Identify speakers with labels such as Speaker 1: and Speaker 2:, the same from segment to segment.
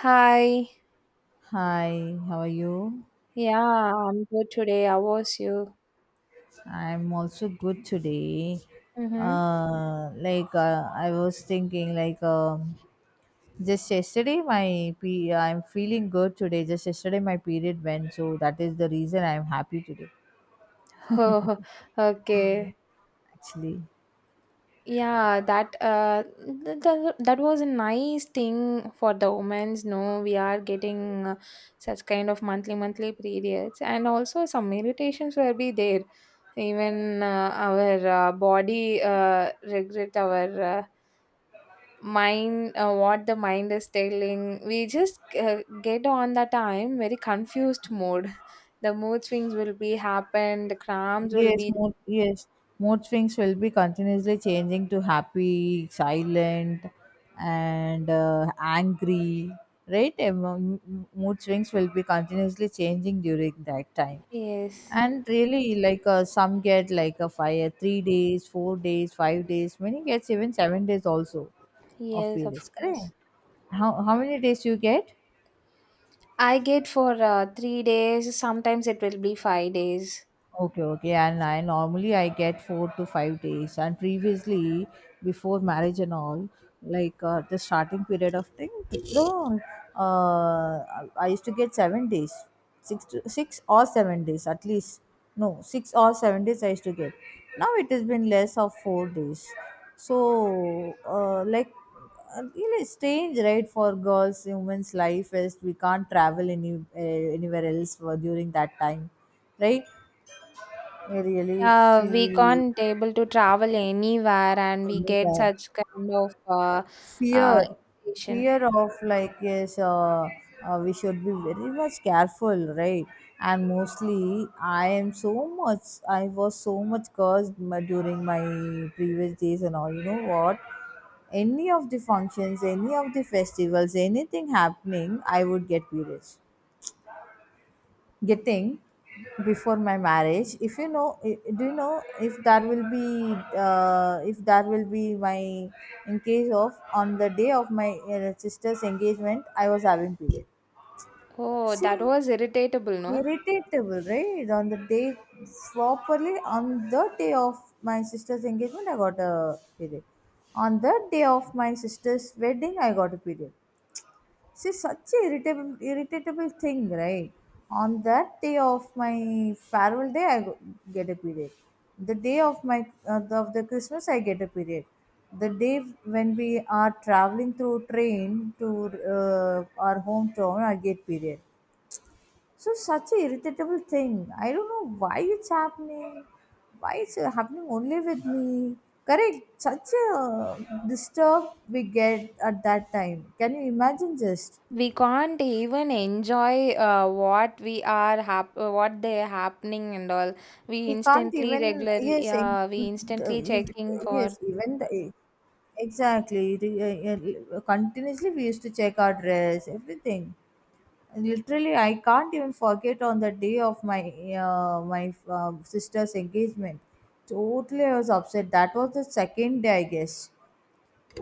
Speaker 1: Hi.
Speaker 2: Hi, how are you?
Speaker 1: Yeah, I'm good today. How was you?
Speaker 2: I'm also good today.
Speaker 1: Mm-hmm.
Speaker 2: I was thinking, just yesterday, I'm feeling good today. Just yesterday, my period went, so that is the reason I'm happy today.
Speaker 1: Oh, okay.
Speaker 2: Actually,
Speaker 1: Yeah, that was a nice thing for the women's. No, we are getting such kind of monthly periods, and also some meditations will be there. Even our body regret our mind what the mind is telling we just get on the time very confused mode the mood swings will be happen the cramps will
Speaker 2: yes,
Speaker 1: be.
Speaker 2: mood, yes, mood swings will be continuously changing to happy, silent, and angry, right? Mood swings will be continuously changing during that time.
Speaker 1: Yes,
Speaker 2: And really, like some get like a fire 3 days, 4 days, 5 days, many gets even 7 days also of
Speaker 1: yes, of
Speaker 2: periods, correct?
Speaker 1: course.
Speaker 2: How many days you get?
Speaker 1: I get for 3 days, sometimes it will be 5 days.
Speaker 2: Okay, okay. And I normally I get 4 to 5 days. And previously, before marriage and all, like the starting period of thing, no, uh, I used to get 7 days, six or seven days at least. No, 6 or 7 days I used to get. Now it has been less of 4 days. So, like, really strange, right? For girls, women's life is we can't travel any anywhere else for, during that time, right? I really
Speaker 1: We
Speaker 2: feel
Speaker 1: can't able to travel anywhere, and we get
Speaker 2: anywhere.
Speaker 1: such kind of
Speaker 2: Fear,
Speaker 1: irritation.
Speaker 2: fear, of like, yes, we should be very much careful, right? And mostly, I am so much. I was so much cursed during my previous days and all. You know what? Any of the functions, any of the festivals, anything happening, I would get furious. Getting, before my marriage, if you know, do you know if that will be my, in case of, on the day of my sister's engagement, I was having period.
Speaker 1: Oh, that
Speaker 2: See,
Speaker 1: was irritatable, no?
Speaker 2: irritable, right? On the day, properly on the day of my sister's engagement, I got a period. On the day of my sister's wedding, I got a period. See, such a irritable, irritable thing, right? On that day of my farewell day, get a period. The day of my of the Christmas, I get a period. The day when we are traveling through train to our hometown, I get period. So such a irritable thing. I don't know why it's happening. Why it's happening only with me? Correct. Such a disturb we get at that time. Can you imagine just?
Speaker 1: We can't even enjoy what they happening and all. we
Speaker 2: We can't
Speaker 1: instantly
Speaker 2: even, yes,
Speaker 1: regularly uh, we instantly checking for
Speaker 2: yes, even the, exactly. Continuously we used to check our dress, everything. And literally I can't even forget on the day of my uh, my sister's engagement. Totally I was upset. That was the second day, I guess.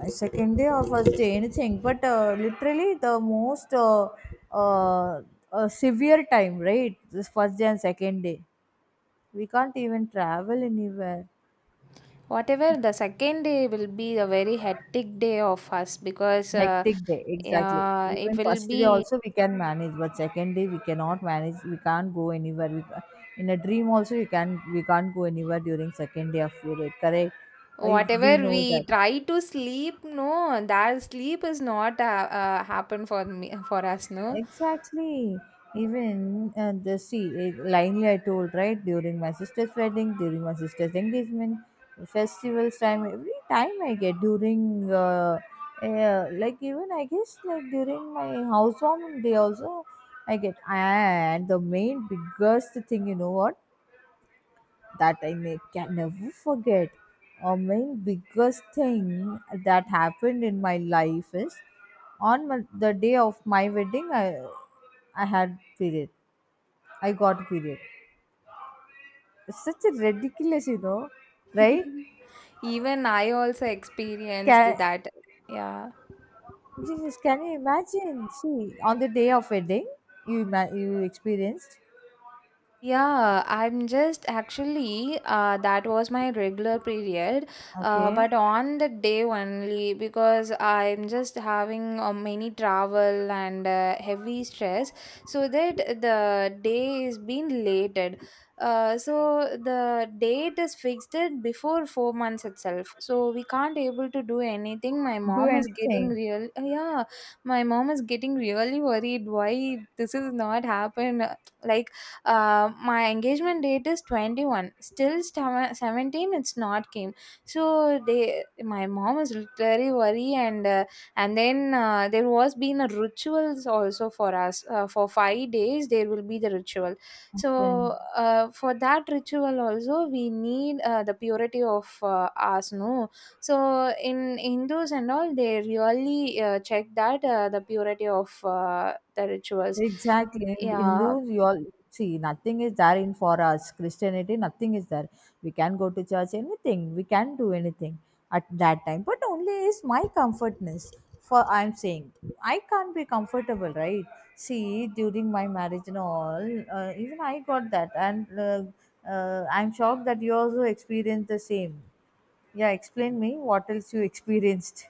Speaker 2: Second day or first day, anything, but literally the most uh, severe time, right? This first day and second day, we can't even travel anywhere.
Speaker 1: whatever. The second day will be a very hectic day of us because
Speaker 2: Hectic day, exactly.
Speaker 1: yeah, it
Speaker 2: Even
Speaker 1: will
Speaker 2: first day
Speaker 1: be.
Speaker 2: also we can manage, but second day we cannot manage. We can't go anywhere. In a dream also, you can we can't go anywhere during second day of period. Correct?
Speaker 1: Whatever
Speaker 2: We know
Speaker 1: we
Speaker 2: that.
Speaker 1: try to sleep, no, that sleep is not happen for me, for us, no.
Speaker 2: Exactly. Even linely I told, right? During my sister's wedding, during my sister's engagement, festivals time, every time I get during like even I guess like during my housewarming day also I get. And the main biggest thing, you know what, that I can never forget. My biggest thing that happened in my life is on the day of my wedding, I had period. I got period. It's such a ridiculous, right?
Speaker 1: Even I also experienced
Speaker 2: Can,
Speaker 1: that, yeah.
Speaker 2: Jesus, can you imagine? See, on the day of wedding, you experienced.
Speaker 1: Yeah, I'm just actually that was my regular period,
Speaker 2: Okay,
Speaker 1: but on the day only because I'm just having many travel and heavy stress, so that the day is being lated. So the date is fixed it before 4 months itself, so we can't able to do anything. My
Speaker 2: do
Speaker 1: mom is getting
Speaker 2: anything.
Speaker 1: real, Yeah, my mom is getting really worried why this is not happened. Like my engagement date is 21, 17 it's not came, so they my mom is literally worried, and then there was been a rituals also for us for 5 days there will be the ritual. So
Speaker 2: Okay.
Speaker 1: for that ritual also we need the purity of us, no. So in hindus and all they really check that the purity of the rituals.
Speaker 2: Exactly. In
Speaker 1: Yeah.
Speaker 2: Hindus, you all see nothing is there in for us. Christianity, nothing is there. We can go to church, anything. We can do anything at that time. But only is my comfortness. For I'm saying, I can't be comfortable, right? See, during my marriage and all, even I got that, and I'm shocked that you also experienced the same. Yeah, explain me what else you experienced.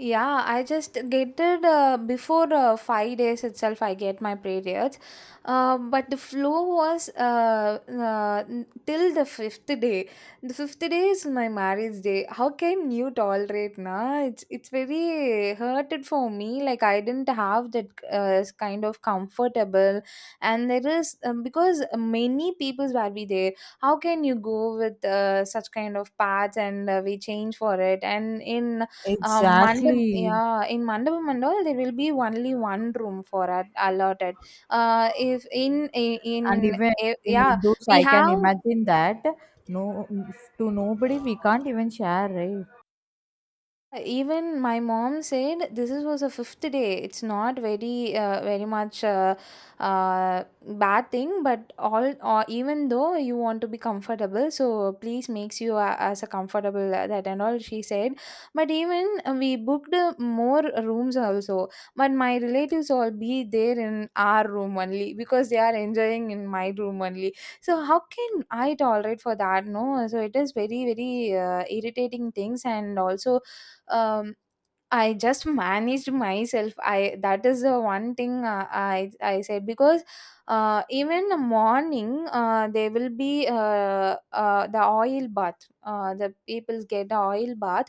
Speaker 1: Yeah, I just get it before 5 days itself. I get my periods, but the flow was till the fifth day. The fifth day is my marriage day. How can you tolerate, na? It's very hurted for me. Like I didn't have that kind of comfortable, and there is because many peoples were be there. How can you go with such kind of paths, and we change for it, and in mandap
Speaker 2: Exactly.
Speaker 1: yeah in mandapam and all there will be only one room for at allotted. If in
Speaker 2: And
Speaker 1: in
Speaker 2: even
Speaker 1: eh,
Speaker 2: in
Speaker 1: Yeah,
Speaker 2: Hindus
Speaker 1: we
Speaker 2: I can
Speaker 1: have.
Speaker 2: imagine that, no? To nobody we can't even share, right?
Speaker 1: Even my mom said this is was a fifth day. It's not very very much bad thing, but all, or even though you want to be comfortable, so please makes you as a comfortable that and all, she said. But even we booked more rooms also, but my relatives all be there in our room only because they are enjoying in my room only. So how can I tolerate for that? No, so it is very very irritating things, and also um I just managed myself I that is the one thing I said. Because even the morning there will be the oil bath, the people get the oil bath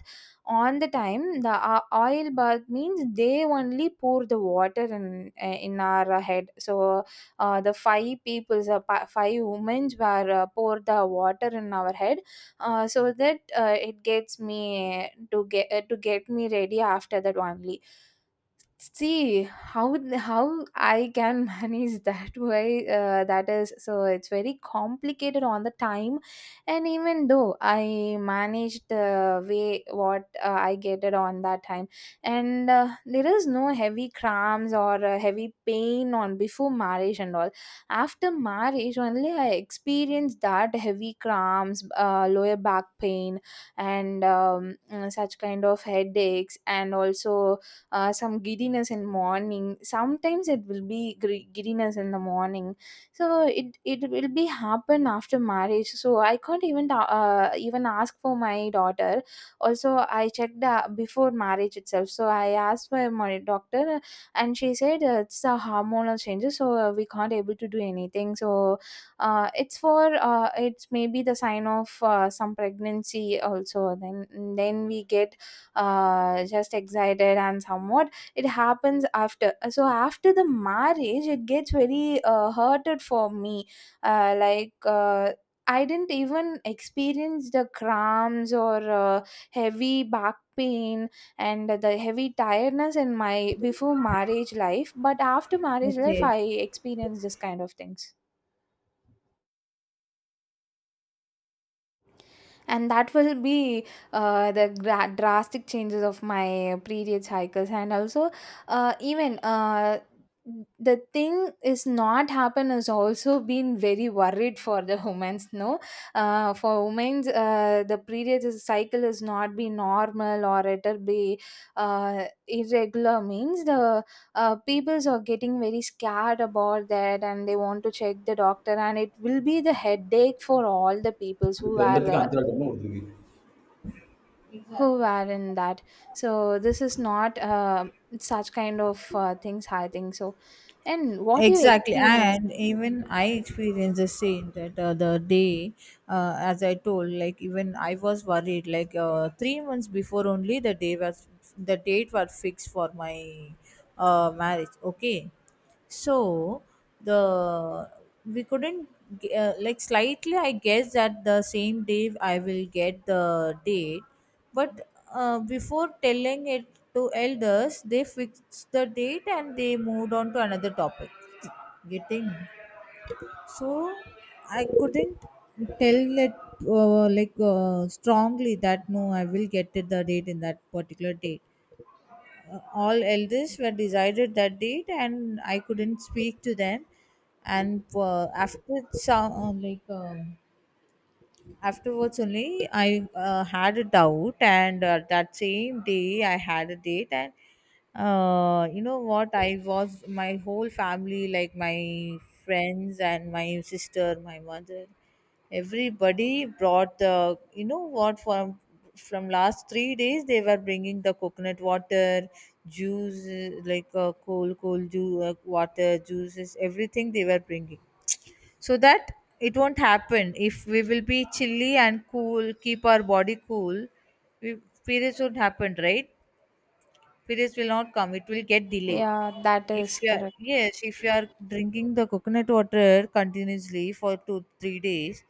Speaker 1: on the time. The oil bath means they only pour the water in our head. So the five people's five women were pour the water in our head, so that it gets me to get me ready after that only. See how how I can manage that way. That is, so it's very complicated on the time, and even though I managed the way what I get it on that time. And there is no heavy cramps or heavy pain on before marriage and all. After marriage only I experienced that heavy cramps, lower back pain, and such kind of headaches, and also some giddiness in morning. Sometimes it will be giddiness in the morning. So it will be happen after marriage, so I can't even even ask for my daughter. Also I checked before marriage itself, so I asked my doctor, and she said it's a hormonal changes, so we can't able to do anything. So it's maybe the sign of some pregnancy also, then we get just excited, and somewhat it happens. After, so after the marriage it gets very hurted for me. uh, like uh, I didn't even experience the cramps or heavy back pain and the heavy tiredness in my before marriage life, but after marriage life,
Speaker 2: Okay.
Speaker 1: I experienced this kind of things. And that will be drastic changes of my previous cycles, and also even the thing is not happen has also been very worried for the humans, no. For women's, the previous cycle is not be normal, or it'll be irregular means the peoples are getting very scared about that, and they want to check the doctor, and it will be the headache for all the peoples who
Speaker 2: அதுக்கு
Speaker 1: are
Speaker 2: ரெண்டுத்துக்கும் அஞ்சு ரூபா ஒருத்தருக்கு.
Speaker 1: who were in that. So this is not such kind of things, I think so. And what you
Speaker 2: Exactly,
Speaker 1: experience?
Speaker 2: and even I experienced the same that the day, as I told, like even I was worried. Like 3 months before, only the date was fixed for my marriage. Okay, so the we couldn't like slightly. I guess that the same day I will get the date, but before telling it to elders, they fixed the date and they moved on to another topic. Getting, so I couldn't tell it like strongly that no, I will get it the date in that particular date. All elders were decided that date, and I couldn't speak to them. And after some afterwards only I had a doubt, and that same day I had a date. And you know what, I was, my whole family, like my friends and my sister, my mother, everybody brought the, you know what, from last 3 days they were bringing the coconut water juice, like cool cool juice, water juices, everything they were bringing so that it won't happen. If we will be chilly and cool, keep our body cool, we, periods won't happen, right? Periods will not come, it will get delay.
Speaker 1: Yeah, that
Speaker 2: If
Speaker 1: is
Speaker 2: you are,
Speaker 1: correct.
Speaker 2: yes, if you are drinking the coconut water continuously for two three days,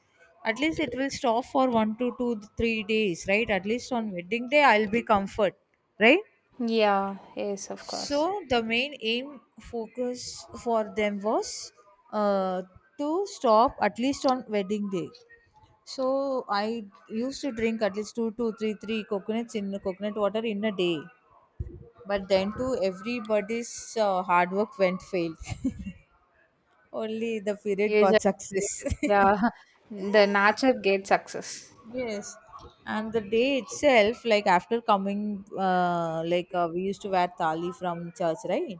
Speaker 2: at least it will stop for one to two three days, right? At least on wedding day I'll be comfort, right?
Speaker 1: Yeah, yes, of
Speaker 2: So
Speaker 1: course.
Speaker 2: the main aim focus for them was uh, to stop at least on wedding day. So I used to drink at least two, two, three, three coconuts in coconut water in a day. But then too, everybody's hard work went failed. Only the period
Speaker 1: You just
Speaker 2: got success.
Speaker 1: get-, yeah. The nature gate success.
Speaker 2: Yes, and the day itself, like after coming, like we used to wear thali from church, right?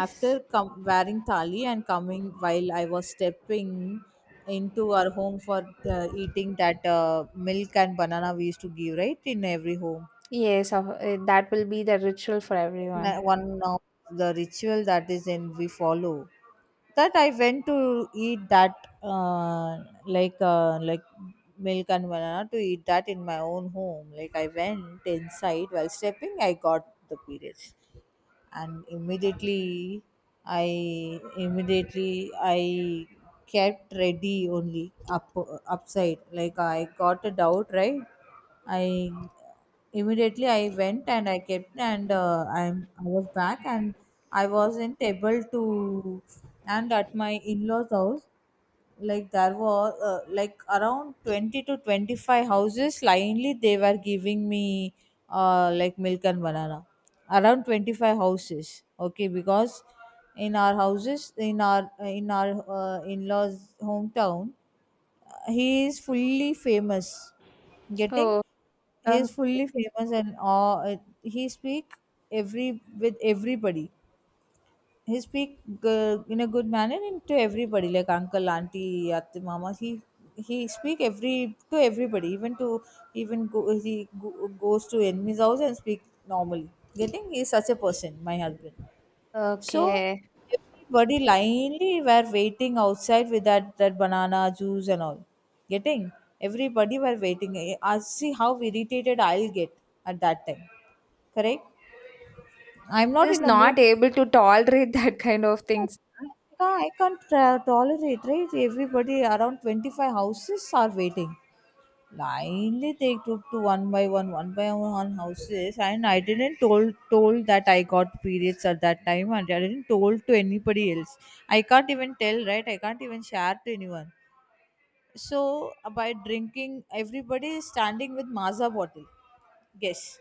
Speaker 2: After wearing thali and coming while I was stepping into our home for eating that milk and banana we used to give, right, in every home.
Speaker 1: yes of-, that will be the ritual for everyone.
Speaker 2: One of the ritual that is in we follow, that I went to eat that like milk and banana to eat that in my own home. Like I went inside while stepping, I got the periods. And i immediately I kept ready only up upside, like I got a doubt, right? I Immediately I went, and I kept, and I was back, and I wasn't able to. And at my in-laws house, like there were like around 20 to 25 houses blindly they were giving me like milk and banana, around 25 houses, okay? Because in our houses, in our in-laws hometown, he is fully famous. Getting,
Speaker 1: Oh.
Speaker 2: he is
Speaker 1: Okay,
Speaker 2: fully famous, and he speak every with everybody. He speak, in a good manner, and to everybody, like uncle, auntie, at mama. He speak every to everybody, even to, even goes to enemy's house and speak normally. Getting, he is such a person, my husband. So
Speaker 1: okay.
Speaker 2: everybody linely were waiting outside with that banana juice and all. Getting, everybody were waiting. I see how irritated I'll get at that time. Correct. I'm not
Speaker 1: Is
Speaker 2: in a mood.
Speaker 1: not able to tolerate that kind of things, huh?
Speaker 2: Yeah, I can't tolerate, right? Everybody around 25 houses are waiting. Blindly they took to one by one houses, and I didn't told that I got periods at that time, and I didn't told to anybody else. I can't even tell, right? I can't even share to anyone. So by drinking, everybody is standing with Maza bottle. Yes.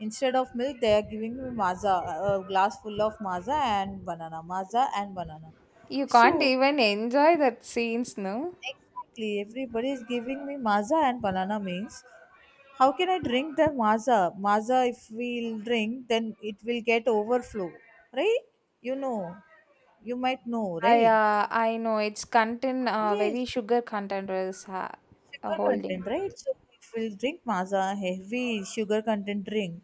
Speaker 2: Instead of milk, they are giving me Maza, a glass full of Maza and banana, Maza and banana.
Speaker 1: You can't
Speaker 2: So
Speaker 1: even enjoy that scenes, no?
Speaker 2: exactly, everybody is giving me Maza and banana means how can I drink the Maza? Maza, if we'll drink, then it will get overflow, right? You know, you might know,
Speaker 1: I
Speaker 2: right?
Speaker 1: I know its content, very
Speaker 2: Yes,
Speaker 1: sugar content was
Speaker 2: sugar
Speaker 1: holding.
Speaker 2: content, right? So if we'll drink masa, heavy sugar content drink,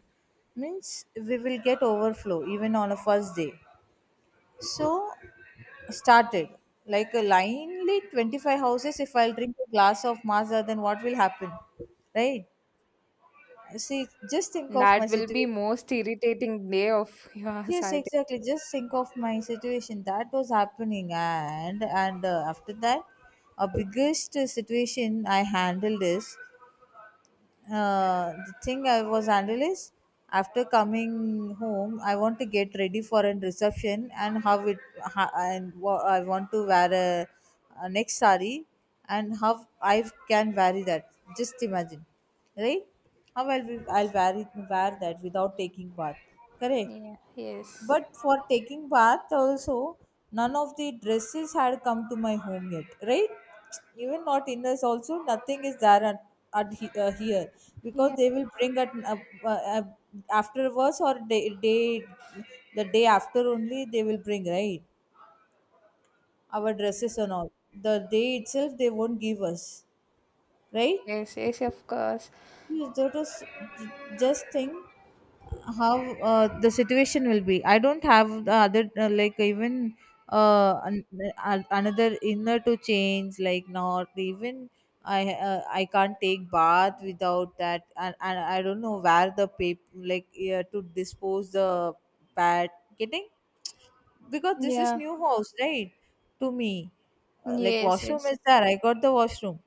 Speaker 2: means we will get overflow even on a first day. So started like a linely 25 houses. If I'll drink a glass of masa, then what will happen, right? See, just think of my
Speaker 1: That will
Speaker 2: situation.
Speaker 1: be most irritating day of yours,
Speaker 2: Yes,
Speaker 1: I
Speaker 2: exactly.
Speaker 1: think.
Speaker 2: Just think of my situation that was happening, and after that, a biggest situation I handled is the thing I was handled is after coming home, I want to get ready for a reception, and how it I want to wear a, next sari, and how I can vary that. Just imagine, right? I'll vary wear that without taking bath. Correct.
Speaker 1: Yeah. Yes.
Speaker 2: But for taking bath also, none of the dresses had come to my home yet, right? Even not inners also, nothing is there at, here, because
Speaker 1: Yeah.
Speaker 2: they will bring at uh, afterwards or day, day the day after only they will bring, right, our dresses and all. The day itself they won't give us, right?
Speaker 1: Yes. Yes. Of course.
Speaker 2: Yes, that is, just think how the situation will be. I don't have the other like even an, another inner to change, like not even. I can't take bath without that, and, I don't know where the paper, like to dispose the pad, getting, because this is
Speaker 1: Yeah.
Speaker 2: new house, right? To me. Like
Speaker 1: Yes.
Speaker 2: washroom
Speaker 1: Yes.
Speaker 2: is there, I got the washroom,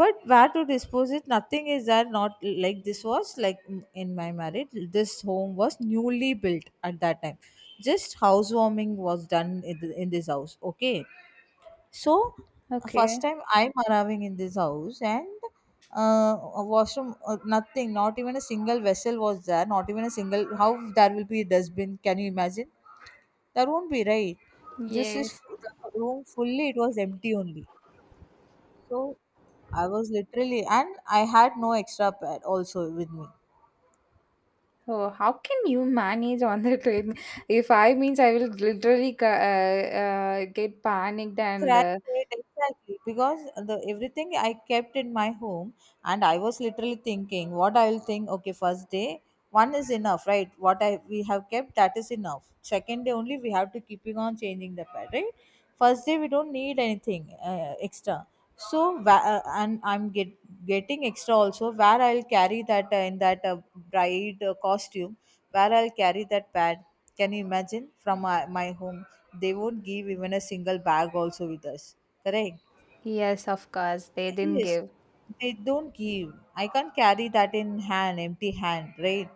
Speaker 2: but where to dispose it, nothing is there. Not like, this was like in my marriage, this home was newly built at that time. Just housewarming was done in this house, okay? So first
Speaker 1: Okay.
Speaker 2: time I'm arriving in this house, and uh, a washroom, nothing. Not even a single vessel was there, not even a single. How there will be a dustbin, can you imagine? That won't be, right. This
Speaker 1: Yes.
Speaker 2: is, the room fully, it was empty only. So I was literally, and I had no extra pad also with me.
Speaker 1: Oh, how can you manage on the train? If I means I will literally get panicked and
Speaker 2: Cracked it, exactly, because the everything I kept in my home, and I was literally thinking what I will think. Okay, first day, one is enough, right? What I we have kept, that is enough. Second day only we have to keeping on changing the pad, right? First day we don't need anything extra. So and I'm get getting extra also, where I'll carry that in that bride costume, where I'll carry that pad. Can you imagine, from my home they won't give even a single bag also with us. Correct.
Speaker 1: yes, of course they didn't
Speaker 2: Yes,
Speaker 1: give.
Speaker 2: they don't give. I can't carry that in hand, empty hand, right?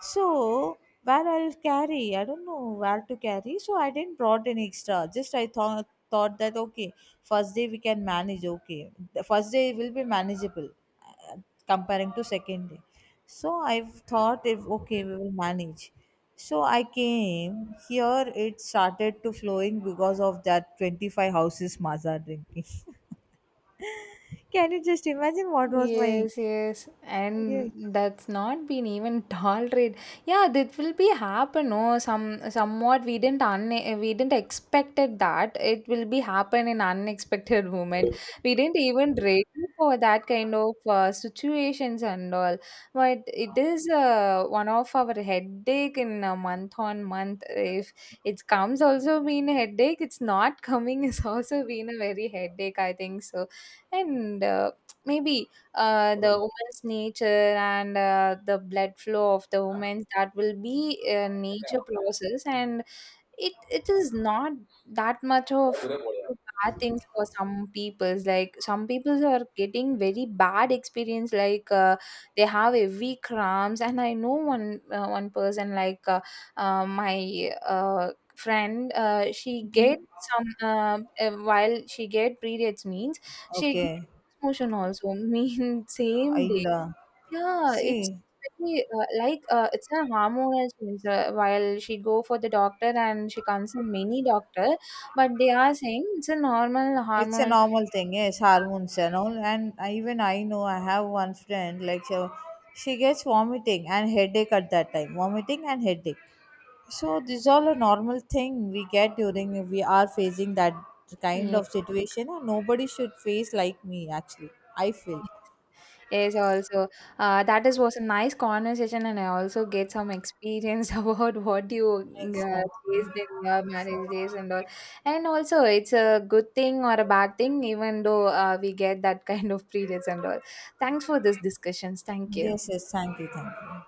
Speaker 2: So where I'll carry, I don't know where to carry. So I didn't brought any extra. Just I thought that okay, first day we can manage. Okay, the first day will be manageable uh, comparing to second day. So I thought if okay we will manage. So I came here. It started to flowing because of that 25 houses maza drinking. Can you just imagine what was my,
Speaker 1: Yes, yes,
Speaker 2: yes?
Speaker 1: and that's not been even tolerated. Yeah, that will be happen, no? Some somewhat we didn't un we didn't expected that it will be happen in unexpected moment. We didn't even ready for that kind of situations and all. But it is one of our headache in a month on month. If it comes also been a headache, it's not coming is also been a very headache, I think so. And maybe the woman's nature and the blood flow of the woman, that will be a nature process. And it is not that much of bad things for some peoples. Like some peoples are getting very bad experience, like they have heavy cramps. And I know one person, like my friend, she gets
Speaker 2: Mhm.
Speaker 1: some while she get periods means she get
Speaker 2: Okay,
Speaker 1: loose motion also mean same
Speaker 2: I'll.
Speaker 1: day. Yeah, it's
Speaker 2: See,
Speaker 1: very, it's a hormonal change. While she go for the doctor and she consult many doctor, but they are saying it's a normal
Speaker 2: it's a
Speaker 1: hormonal.
Speaker 2: normal thing, yes, hormones and all. And I, even I know I have one friend, like, so she gets vomiting and headache at that time, vomiting and headache. So these all a normal thing we get during if we are facing that kind
Speaker 1: Yeah.
Speaker 2: of situation, and nobody should face like me. Actually, I feel.
Speaker 1: Yes, also. That is was a nice conversation, and I also get some experience about what you
Speaker 2: Exactly.
Speaker 1: faced in your marriage days and all. And also, it's a good thing or a bad thing, even though we get that kind of periods and all. Thanks for this discussions. Thank
Speaker 2: Yes,
Speaker 1: you.
Speaker 2: yes. Thank you, thank you.